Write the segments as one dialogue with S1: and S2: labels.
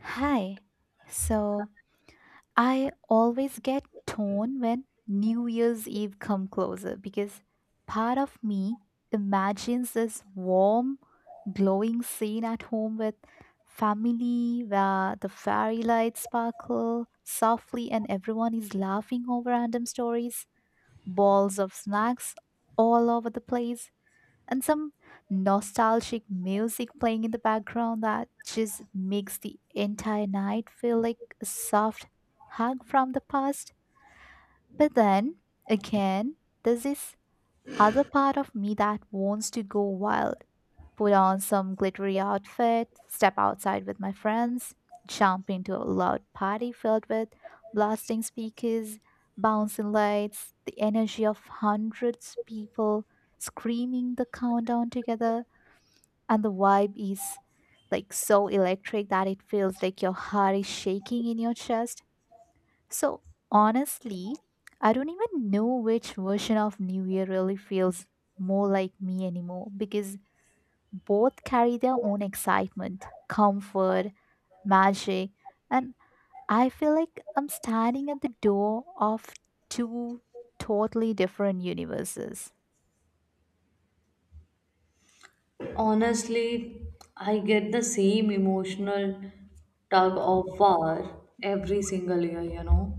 S1: Hi. So, I always get torn when New Year's Eve come closer because part of me imagines this warm, glowing scene at home with family where the fairy lights sparkle softly and everyone is laughing over random stories, balls of snacks all over the place and some nostalgic music playing in the background that just makes the entire night feel like a soft hug from the past. But then again, there's this other part of me that wants to go wild, put on some glittery outfit, step outside with my friends, jump into a loud party filled with blasting speakers, bouncing lights, the energy of hundreds people screaming the countdown together, and the vibe is like so electric that it feels like your heart is shaking in your chest. So honestly, I don't even know which version of New Year really feels more like me anymore because both carry their own excitement, comfort, magic, and I feel like I'm standing at the door of two totally different universes.
S2: Honestly, I get the same emotional tug of war every single year.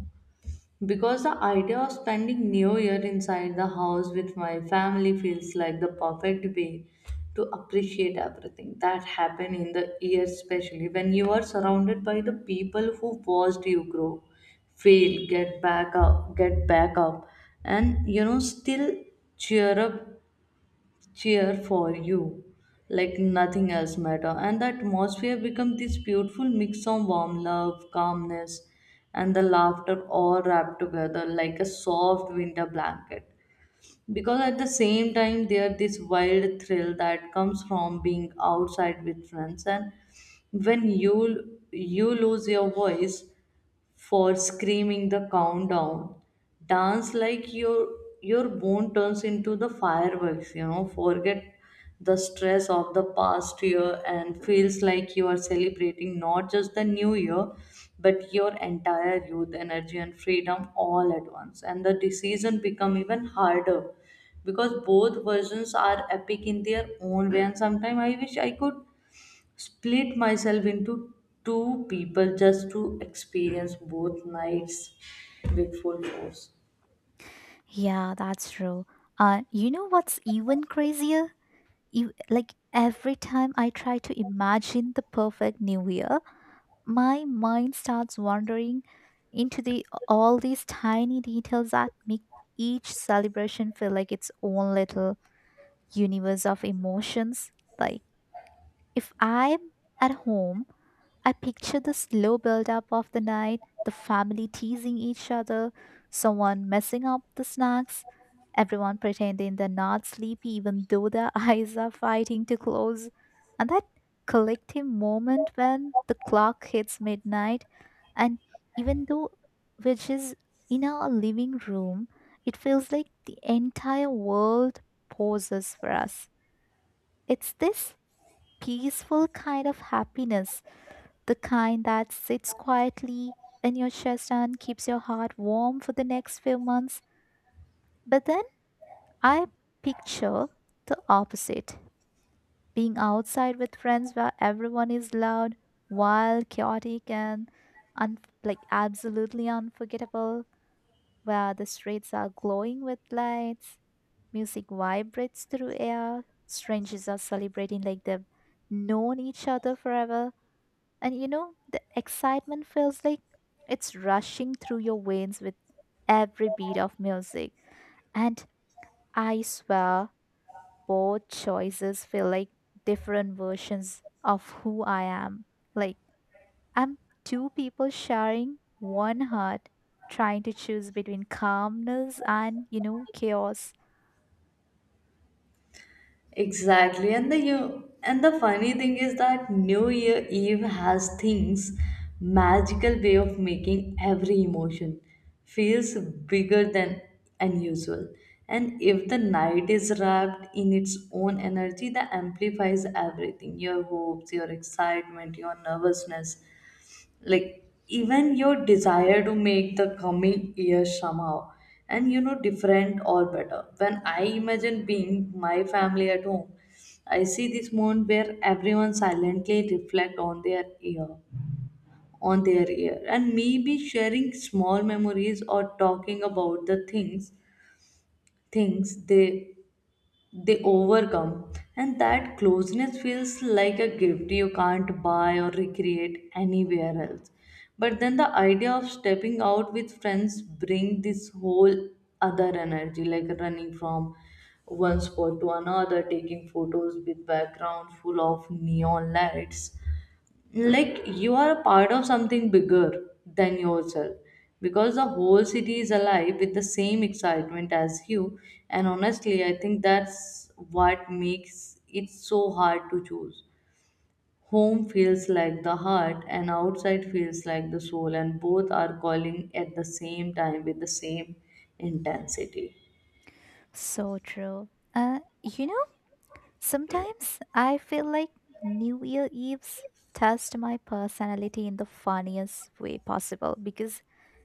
S2: Because the idea of spending New Year inside the house with my family feels like the perfect way to appreciate everything that happened in the year, especially when you are surrounded by the people who watched you grow, fail, get back up, and still cheer up cheer for you like nothing else matter, and the atmosphere become this beautiful mix of warm love calmness and the laughter all wrapped together like a soft winter blanket, because at the same time there this wild thrill that comes from being outside with friends, and when you lose your voice for screaming the countdown. Dance like your bone turns into the fireworks, forget the stress of the past year and feels like you are celebrating not just the new year but your entire youth energy and freedom all at once, and the decision become even harder because both versions are epic in their own way, and sometimes I wish I could split myself into two people just to experience both nights with full force.
S1: Yeah, that's true. You know what's even crazier? You like every time I try to imagine the perfect new year, my mind starts wandering into the all these tiny details that make each celebration feel like its own little universe of emotions, like if I'm at home, I picture the slow buildup of the night, the family teasing each other, someone messing up the snacks, everyone pretending they're not sleepy even though their eyes are fighting to close, and that collective moment when the clock hits midnight, and even though we're just in our living room, it feels like the entire world pauses for us. It's this peaceful kind of happiness, the kind that sits quietly in your chest and keeps your heart warm for the next few months. But then I picture the opposite, being outside with friends where everyone is loud, wild, chaotic, and like absolutely unforgettable, where the streets are glowing with lights, music vibrates through air, strangers are celebrating like they've known each other forever. The excitement feels like it's rushing through your veins with every beat of music. And I swear, both choices feel like different versions of who I am. Like, I'm two people sharing one heart, trying to choose between calmness and, chaos.
S2: Exactly, and the you and the funny thing is that New Year Eve has things magical way of making every emotion feels bigger than unusual. And if the night is wrapped in its own energy, that amplifies everything, your hopes, your excitement, your nervousness, like even your desire to make the coming year somehow and different or better. When I imagine being my family at home, I see this moment where everyone silently reflect on their year and maybe sharing small memories or talking about the things they overcome, and that closeness feels like a gift you can't buy or recreate anywhere else. But then the idea of stepping out with friends bring this whole other energy, like running from one spot to another, taking photos with background full of neon lights, like you are a part of something bigger than yourself, because the whole city is alive with the same excitement as you. And honestly, I think that's what makes it so hard to choose. Home feels like the heart and outside feels like the soul, and both are calling at the same time with the same intensity.
S1: So true. Uh, you know, Sometimes I feel like New Year Eves test my personality in the funniest way possible because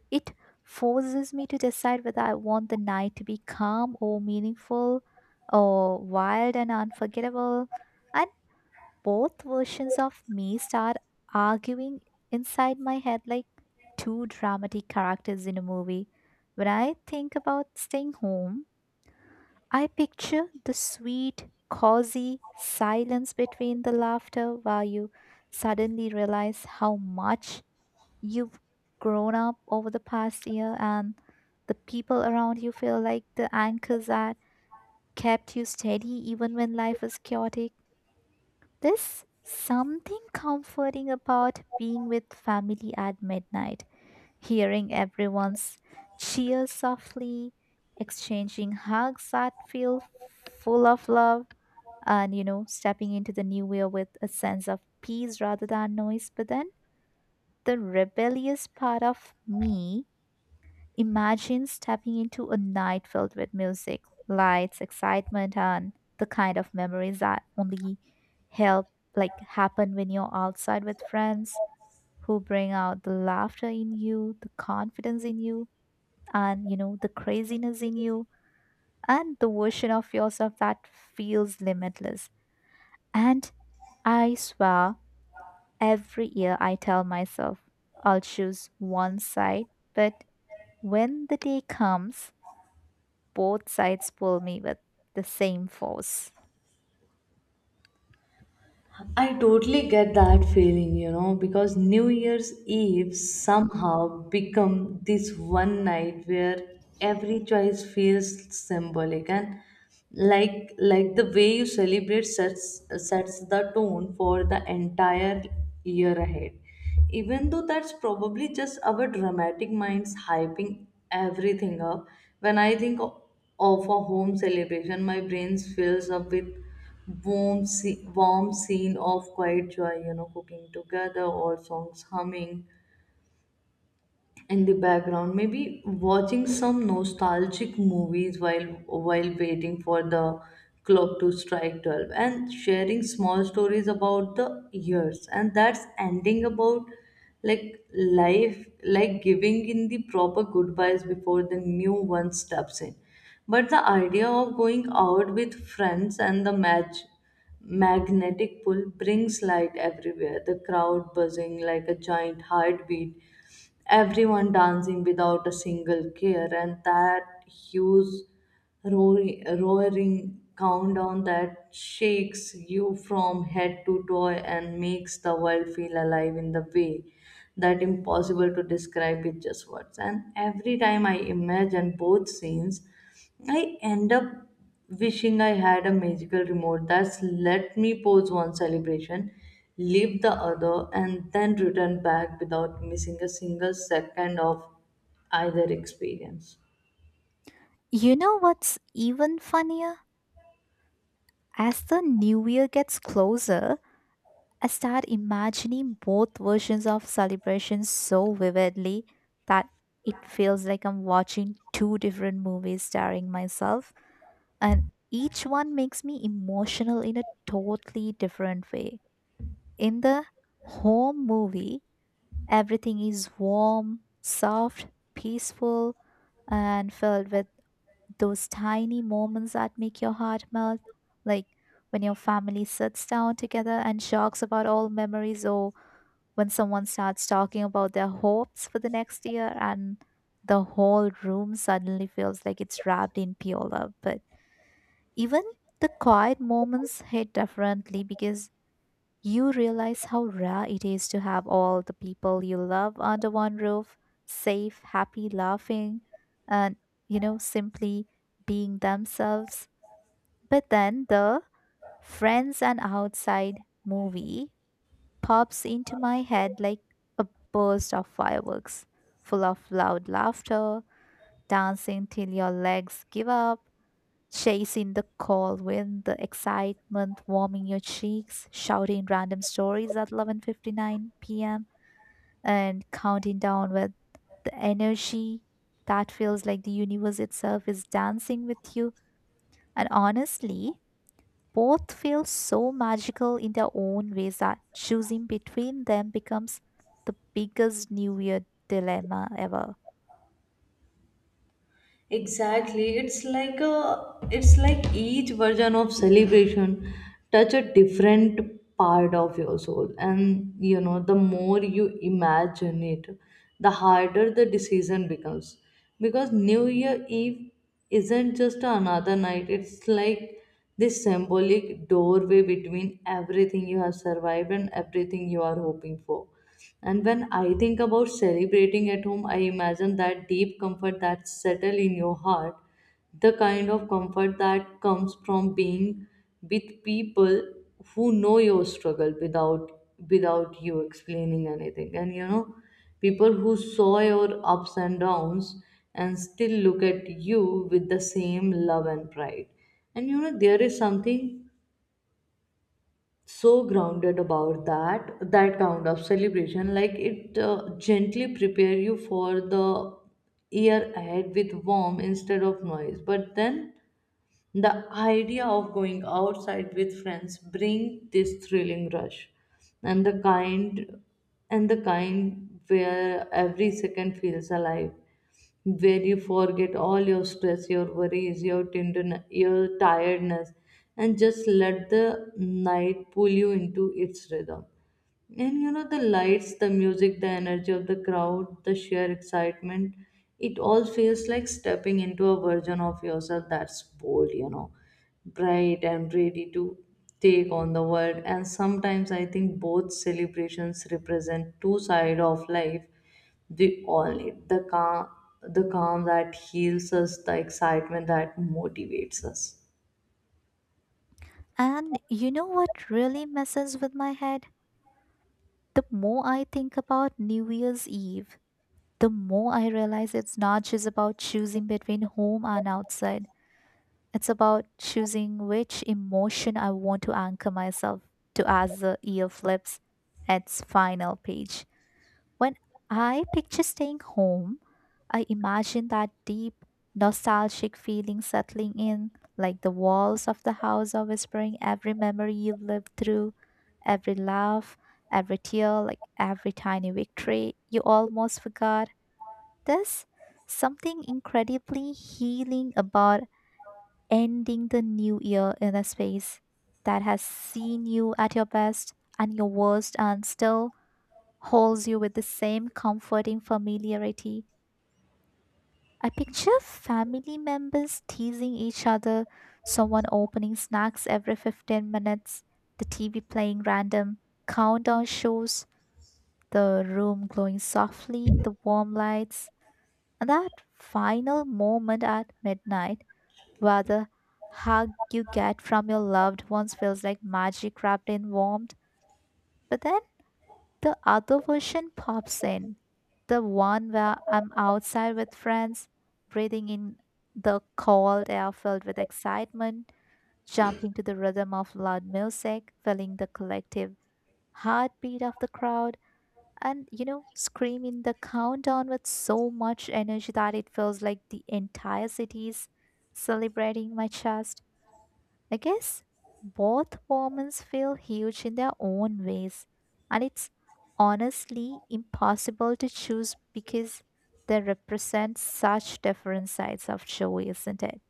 S1: it forces me to decide whether I want the night to be calm or meaningful or wild and unforgettable. And both versions of me start arguing inside my head like two dramatic characters in a movie. When I think about staying home, I picture the sweet, cozy silence between the laughter while you suddenly realize how much you've grown up over the past year and the people around you feel like the anchors that kept you steady even when life was chaotic. There's something comforting about being with family at midnight, hearing everyone's cheers softly, exchanging hugs that feel full of love, and stepping into the new year with a sense of peace rather than noise. But then the rebellious part of me imagines stepping into a night filled with music, lights, excitement, and the kind of memories that only help like happen when you're outside with friends who bring out the laughter in you, the confidence in you, and the craziness in you, and the version of yourself that feels limitless. And I swear, every year I tell myself I'll choose one side, but when the day comes, both sides pull me with the same force.
S2: I totally get that feeling, because New Year's Eve somehow become this one night where every choice feels symbolic, and like the way you celebrate sets the tone for the entire year ahead. Even though that's probably just our dramatic minds hyping everything up, when I think of a home celebration, my brain fills up with warm scene of quiet joy, cooking together or songs humming in the background, maybe watching some nostalgic movies, while waiting for the clock to strike 12 and sharing small stories about the years, and that's ending about like life, like giving in the proper goodbyes before the new one steps in. But the idea of going out with friends and the match magnetic pull brings light everywhere, the crowd buzzing like a giant heartbeat, everyone dancing without a single care, and that huge roaring countdown that shakes you from head to toe and makes the world feel alive in the way that impossible to describe with just words. And every time I imagine both scenes, I end up wishing I had a magical remote that's let me pause one celebration, leave the other, and then return back without missing a single second of either experience.
S1: You know what's even funnier, as the new year gets closer I start imagining both versions of celebrations so vividly that it feels like I'm watching two different movies starring myself, and each one makes me emotional in a totally different way. In the home movie, everything is warm, soft, peaceful, and filled with those tiny moments that make your heart melt, like when your family sits down together and talks about old memories or when someone starts talking about their hopes for the next year, and the whole room suddenly feels like it's wrapped in pure love. But even the quiet moments hit differently because you realize how rare it is to have all the people you love under one roof, safe, happy, laughing, and simply being themselves. But then the Friends and Outside movie pops into my head like a burst of fireworks, full of loud laughter, dancing till your legs give up, chasing the cold wind, the excitement warming your cheeks, shouting random stories at 11:59 p.m. and counting down with the energy that feels like the universe itself is dancing with you. And honestly, both feel so magical in their own ways that choosing between them becomes the biggest New Year dilemma ever.
S2: Exactly. It's like a it's like each version of celebration touch a different part of your soul. And the more you imagine it, the harder the decision becomes. Because New Year Eve isn't just another night, it's like this symbolic doorway between everything you have survived and everything you are hoping for. And when I think about celebrating at home, I imagine that deep comfort that settle in your heart, the kind of comfort that comes from being with people who know your struggle without you explaining anything. And people who saw your ups and downs and still look at you with the same love and pride. And there is something so grounded about that kind of celebration, like it gently prepare you for the year ahead with warmth instead of noise. But then the idea of going outside with friends bring this thrilling rush, and the kind where every second feels alive, where you forget all your stress, your worries, your tenderness, your tiredness, and just let the night pull you into its rhythm. And the lights, the music, the energy of the crowd, the sheer excitement, it all feels like stepping into a version of yourself that's bold, bright and ready to take on the world. And sometimes I think both celebrations represent two sides of life. We all need the calm that heals us, the excitement that motivates us.
S1: And you know what really messes with my head? The more I think about New Year's Eve, the more I realize it's not just about choosing between home and outside. It's about choosing which emotion I want to anchor myself to as the year flips its final page. When I picture staying home, I imagine that deep, nostalgic feeling settling in, like the walls of the house are whispering every memory you lived through, every laugh, every tear, like every tiny victory you almost forgot. There's something incredibly healing about ending the new year in a space that has seen you at your best and your worst and still holds you with the same comforting familiarity. I picture family members teasing each other, someone opening snacks every 15 minutes, the TV playing random countdown shows, the room glowing softly, the warm lights, and that final moment at midnight where the hug you get from your loved ones feels like magic wrapped in warmth. But then the other version pops in, the one where I'm outside with friends, breathing in the cold air filled with excitement, jumping to the rhythm of loud music, feeling the collective heartbeat of the crowd, and screaming the countdown with so much energy that it feels like the entire city is celebrating my chest. I guess both moments feel huge in their own ways, and it's honestly impossible to choose because they represent such different sides of joy, isn't it?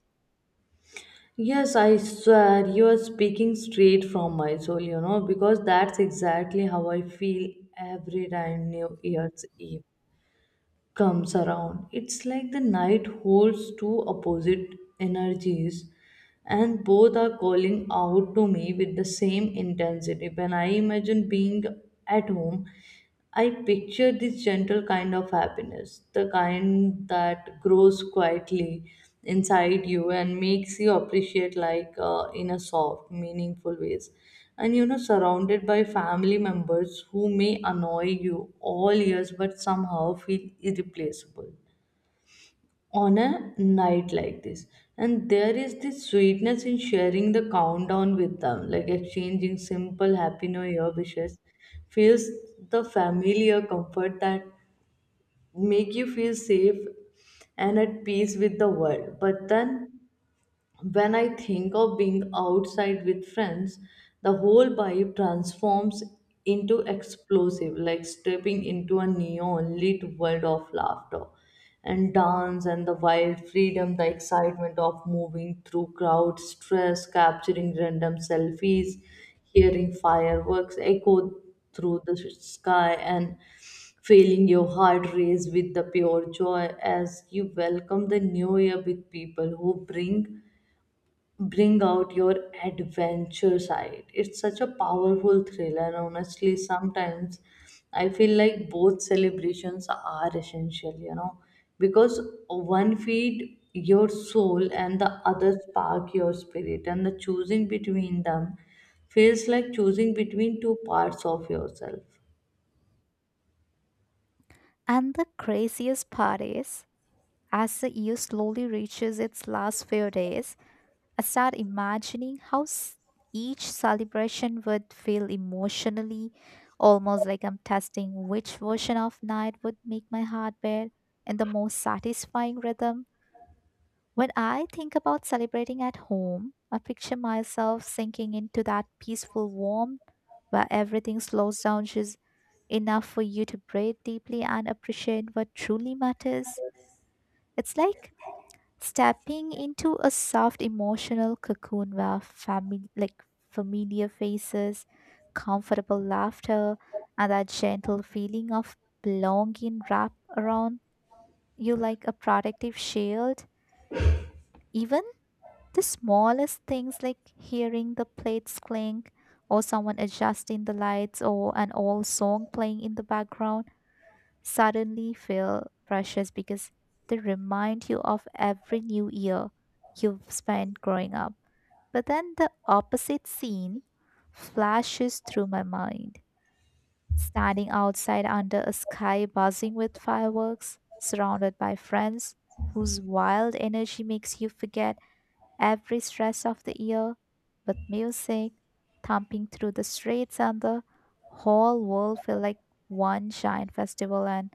S2: Yes, I swear you are speaking straight from my soul, because that's exactly how I feel every time New Year's Eve comes around. It's like the night holds two opposite energies, and both are calling out to me with the same intensity. When I imagine being at home, I picture this gentle kind of happiness, the kind that grows quietly inside you and makes you appreciate like in a soft, meaningful ways, and surrounded by family members who may annoy you all years but somehow feel irreplaceable on a night like this. And there is this sweetness in sharing the countdown with them, like exchanging simple happy new year wishes, feels the familiar comfort that make you feel safe and at peace with the world. But then when I think of being outside with friends, the whole vibe transforms into explosive, like stepping into a neon lit world of laughter and dance and the wild freedom, the excitement of moving through crowds, stress, capturing random selfies, hearing fireworks echo through the sky, and feeling your heart race with the pure joy as you welcome the new year with people who bring out your adventure side. It's such a powerful thriller, and honestly, sometimes I feel like both celebrations are essential, because one feed your soul and the other spark your spirit, and the choosing between them feels like choosing between two parts of yourself.
S1: And the craziest part is, as the year slowly reaches its last few days, I start imagining how each celebration would feel emotionally, almost like I'm testing which version of night would make my heart beat in the most satisfying rhythm. When I think about celebrating at home, I picture myself sinking into that peaceful warmth where everything slows down just enough for you to breathe deeply and appreciate what truly matters. It's like stepping into a soft emotional cocoon where family like familiar faces, comfortable laughter, and that gentle feeling of belonging wrap around you like a protective shield. Even the smallest things, like hearing the plates clink or someone adjusting the lights or an old song playing in the background, suddenly feel precious because they remind you of every new year you've spent growing up. But then the opposite scene flashes through my mind, standing outside under a sky buzzing with fireworks, surrounded by friends whose wild energy makes you forget every stress of the year, with music thumping through the streets and the whole world feel like one giant festival and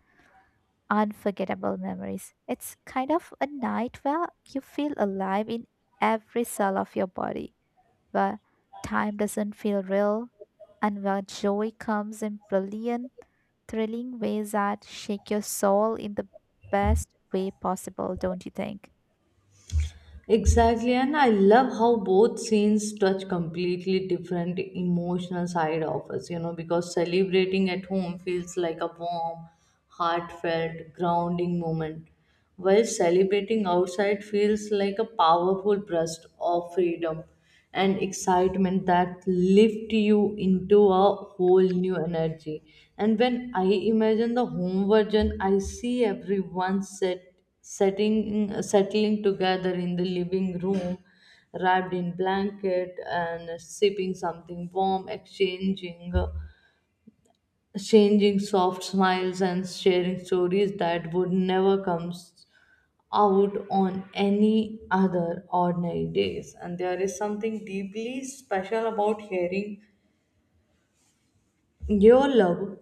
S1: unforgettable memories. It's kind of a night where you feel alive in every cell of your body, where time doesn't feel real, and where joy comes in brilliant, thrilling ways that shake your soul in the best way possible, don't you think?
S2: Exactly, and I love how both scenes touch completely different emotional side of us, because celebrating at home feels like a warm, heartfelt, grounding moment, while celebrating outside feels like a powerful burst of freedom and excitement that lift you into a whole new energy. And when I imagine the home version, I see everyone settling together in the living room, wrapped in blanket and sipping something warm, exchanging soft smiles and sharing stories that would never come out on any other ordinary days. And there is something deeply special about hearing your love,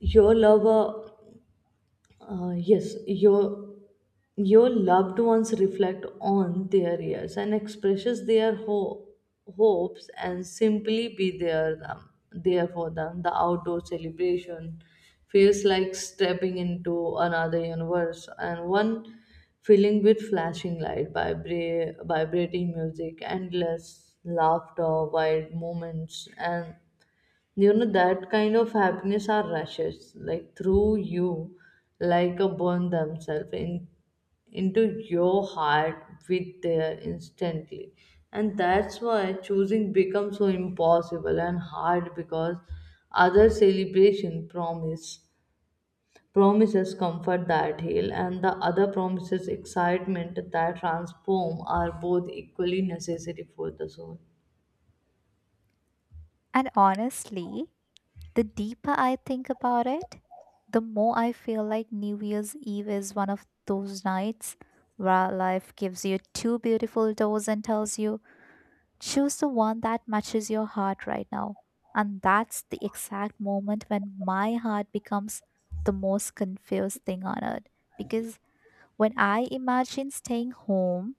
S2: your lover, yes, your loved ones reflect on their years and expresses their hopes and simply be there for them. The outdoor celebration feels like stepping into another universe, and one filling with flashing light, vibrating music, endless laughter, wild moments, and that kind of happiness are rushes like through you, like a burn themselves in into your heart with there instantly, and that's why choosing becomes so impossible and hard, because other celebration promises comfort that heal and the other promises excitement that transform, are both equally necessary for the soul.
S1: And honestly, the deeper I think about it, the more I feel like New Year's Eve is one of those nights where life gives you two beautiful doors and tells you, choose the one that matches your heart right now. And that's the exact moment when my heart becomes the most confused thing on earth. Because when I imagine staying home,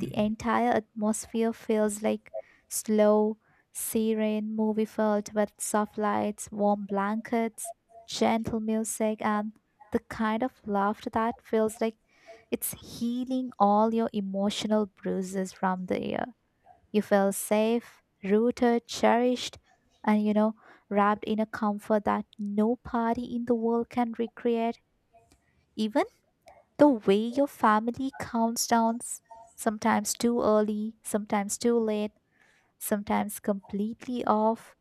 S1: the entire atmosphere feels like slow, serene movie filled with soft lights, warm blankets, gentle music, and the kind of laughter that feels like it's healing all your emotional bruises from the year. You feel safe, rooted, cherished, and wrapped in a comfort that no party in the world can recreate. Even the way your family counts down, sometimes too early, sometimes too late, sometimes completely off,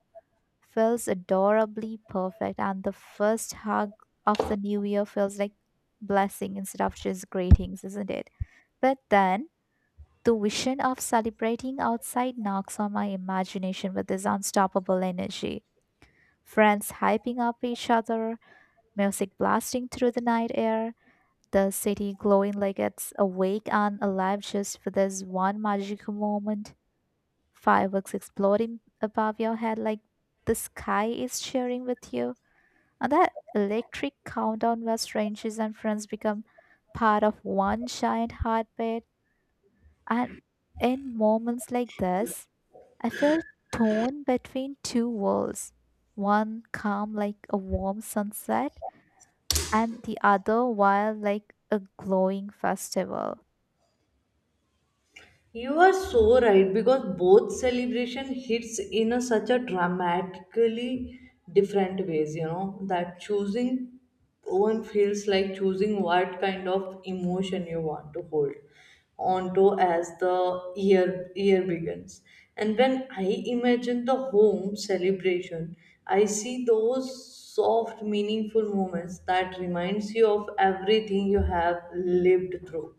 S1: feels adorably perfect. And the first hug of the new year feels like blessing instead of just greetings, isn't it? But then the vision of celebrating outside knocks on my imagination with this unstoppable energy. Friends hyping up each other, music blasting through the night air, the city glowing like it's awake and alive just for this one magical moment, fireworks exploding above your head like the sky is cheering with you, and that electric countdown where strangers and friends become part of one giant heartbeat. And in moments like this, I felt torn between two worlds, one calm like a warm sunset, and the other wild like a glowing festival.
S2: You are so right because both celebration hits such a dramatically different ways, that choosing one feels like choosing what kind of emotion you want to hold onto as the year begins. And when I imagine the home celebration, I see those soft, meaningful moments that reminds you of everything you have lived through,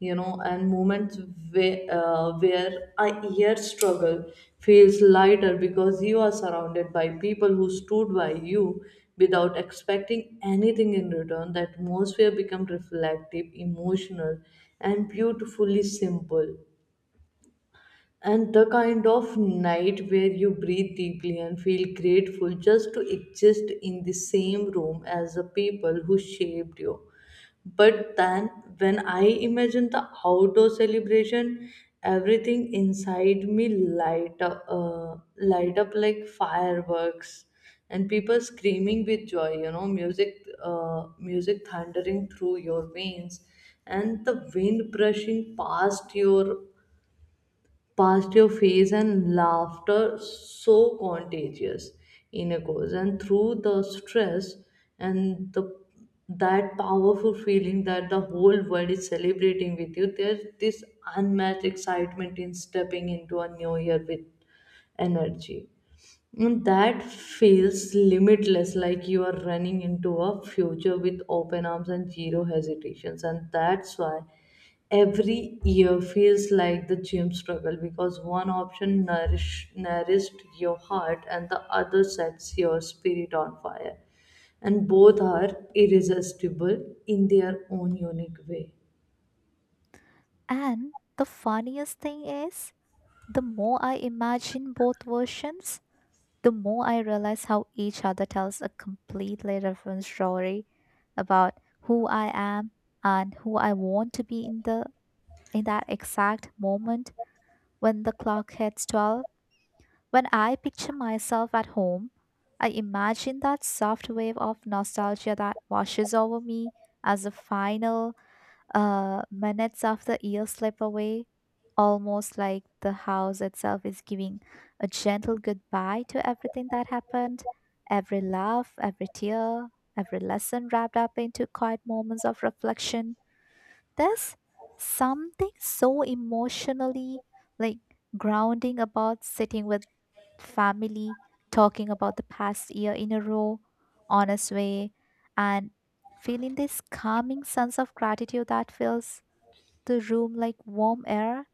S2: and moments where a year struggle feels lighter because you are surrounded by people who stood by you without expecting anything in return. The atmosphere becomes reflective, emotional, and beautifully simple, and the kind of night where you breathe deeply and feel grateful just to exist in the same room as the people who shaped you. But then, when I imagine the outdoor celebration, everything inside me light up like fireworks, and people screaming with joy. Music thundering through your veins, and the wind brushing past your face, and laughter so contagious in a course and through the stress, and the that powerful feeling that the whole world is celebrating with you. There's this unmatched excitement in stepping into a new year with energy, and that feels limitless, like you are running into a future with open arms and zero hesitations. And that's why every year feels like the gym struggle, because one option nourished your heart and the other sets your spirit on fire. And both are irresistible in their own unique way.
S1: And the funniest thing is, the more I imagine both versions, the more I realize how each other tells a completely different story about who I am and who I want to be in that exact moment when the clock hits 12. When I picture myself at home, I imagine that soft wave of nostalgia that washes over me as the final minutes of the year slip away, almost like the house itself is giving a gentle goodbye to everything that happened, every laugh, every tear, every lesson wrapped up into quiet moments of reflection. There's something so emotionally, like, grounding about sitting with family, talking about the past year in a raw, honest way, and feeling this calming sense of gratitude that fills the room like warm air.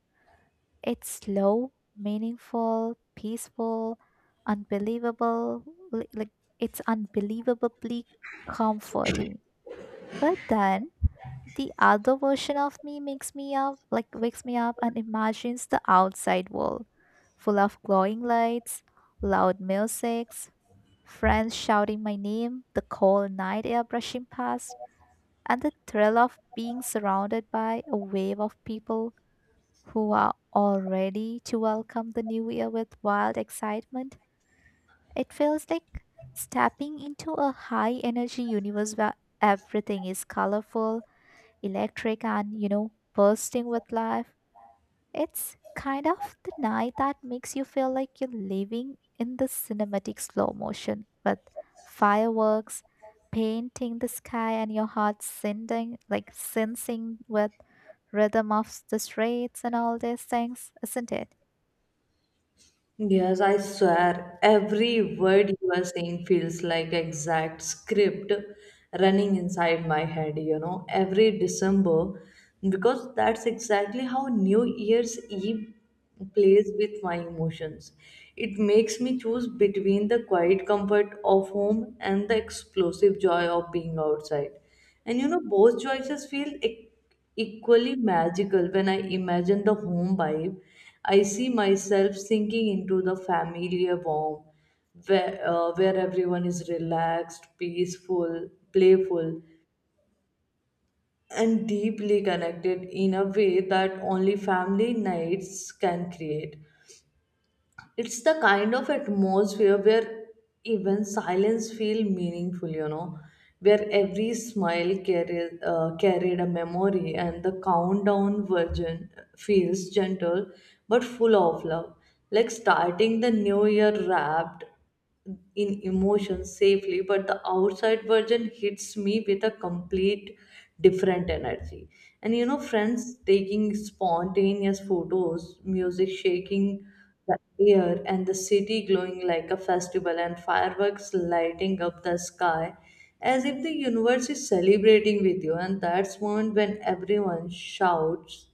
S1: It's slow, meaningful, peaceful, unbelievable, like it's unbelievably comforting. But then the other version of me makes me up, like wakes me up and imagines the outside world full of glowing lights, loud music, friends shouting my name, the cold night air brushing past, and the thrill of being surrounded by a wave of people who are all ready to welcome the new year with wild excitement. It feels like stepping into a high energy universe where everything is colorful, electric, and, you know, bursting with life. It's kind of the night that makes you feel like you're living in the cinematic slow motion with fireworks painting the sky and your heart sending like sensing with rhythm of the streets and all these things, isn't it?
S2: Yes, I swear every word you are saying feels like exact script running inside my head, every December, because that's exactly how New Year's Eve plays with my emotions. It makes me choose between the quiet comfort of home and the explosive joy of being outside. And both choices feel equally magical. When I imagine the home vibe, I see myself sinking into the familiar warmth where everyone is relaxed, peaceful, playful, and deeply connected in a way that only family nights can create. It's the kind of atmosphere where even silence feel meaningful, where every smile carried a memory, and the countdown version feels gentle but full of love, like starting the new year wrapped in emotions safely. But the outside version hits me with a complete different energy, and friends taking spontaneous photos, music shaking the air, and the city glowing like a festival, and fireworks lighting up the sky as if the universe is celebrating with you. And that's moment when everyone shouts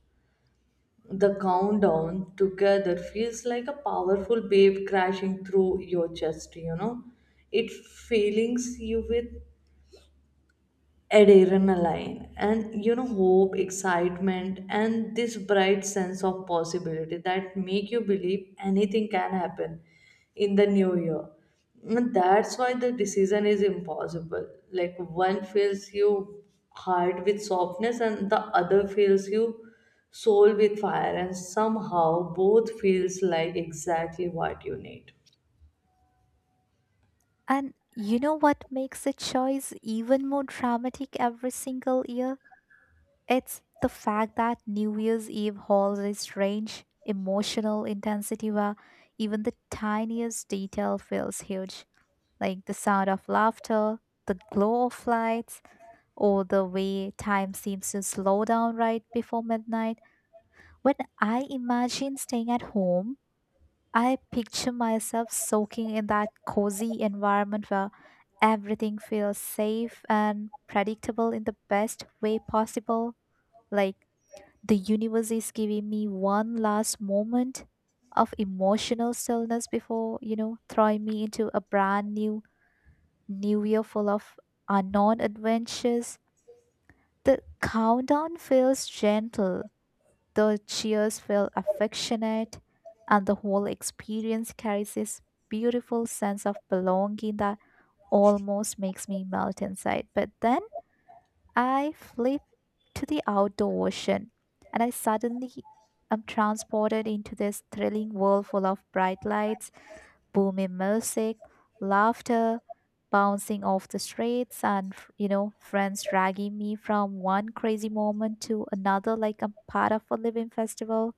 S2: the countdown together feels like a powerful wave crashing through your chest. It fills you with adrenaline, and hope, excitement, and this bright sense of possibility that make you believe anything can happen in the new year, and that's why the decision is impossible, like one fills you heart with softness and the other fills you soul with fire, and somehow both feels like exactly what you need.
S1: And you know what makes the choice even more dramatic every single year? It's the fact that New Year's Eve holds a strange emotional intensity where even the tiniest detail feels huge, like the sound of laughter, the glow of lights, or the way time seems to slow down right before midnight. When I imagine staying at home, I picture myself soaking in that cozy environment where everything feels safe and predictable in the best way possible, like the universe is giving me one last moment of emotional stillness before, you know, throwing me into a brand new year full of unknown adventures. The countdown feels gentle, the cheers feel affectionate, and the whole experience carries this beautiful sense of belonging that almost makes me melt inside. But then I flip to the outdoor ocean and I suddenly am transported into this thrilling world full of bright lights, booming music, laughter, bouncing off the streets, and you know, friends dragging me from one crazy moment to another like I'm part of a living festival.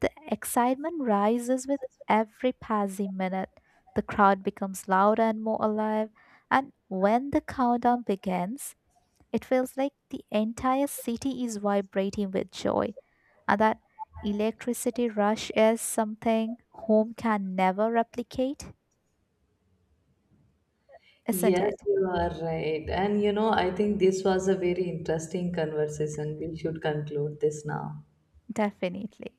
S1: The excitement rises with every passing minute. The crowd becomes louder and more alive, and when the countdown begins, it feels like the entire city is vibrating with joy, and that electricity rush is something home can never replicate, isn't
S2: Yes,
S1: it?
S2: you are right. And I think this was a very interesting conversation. We should conclude this now.
S1: Definitely.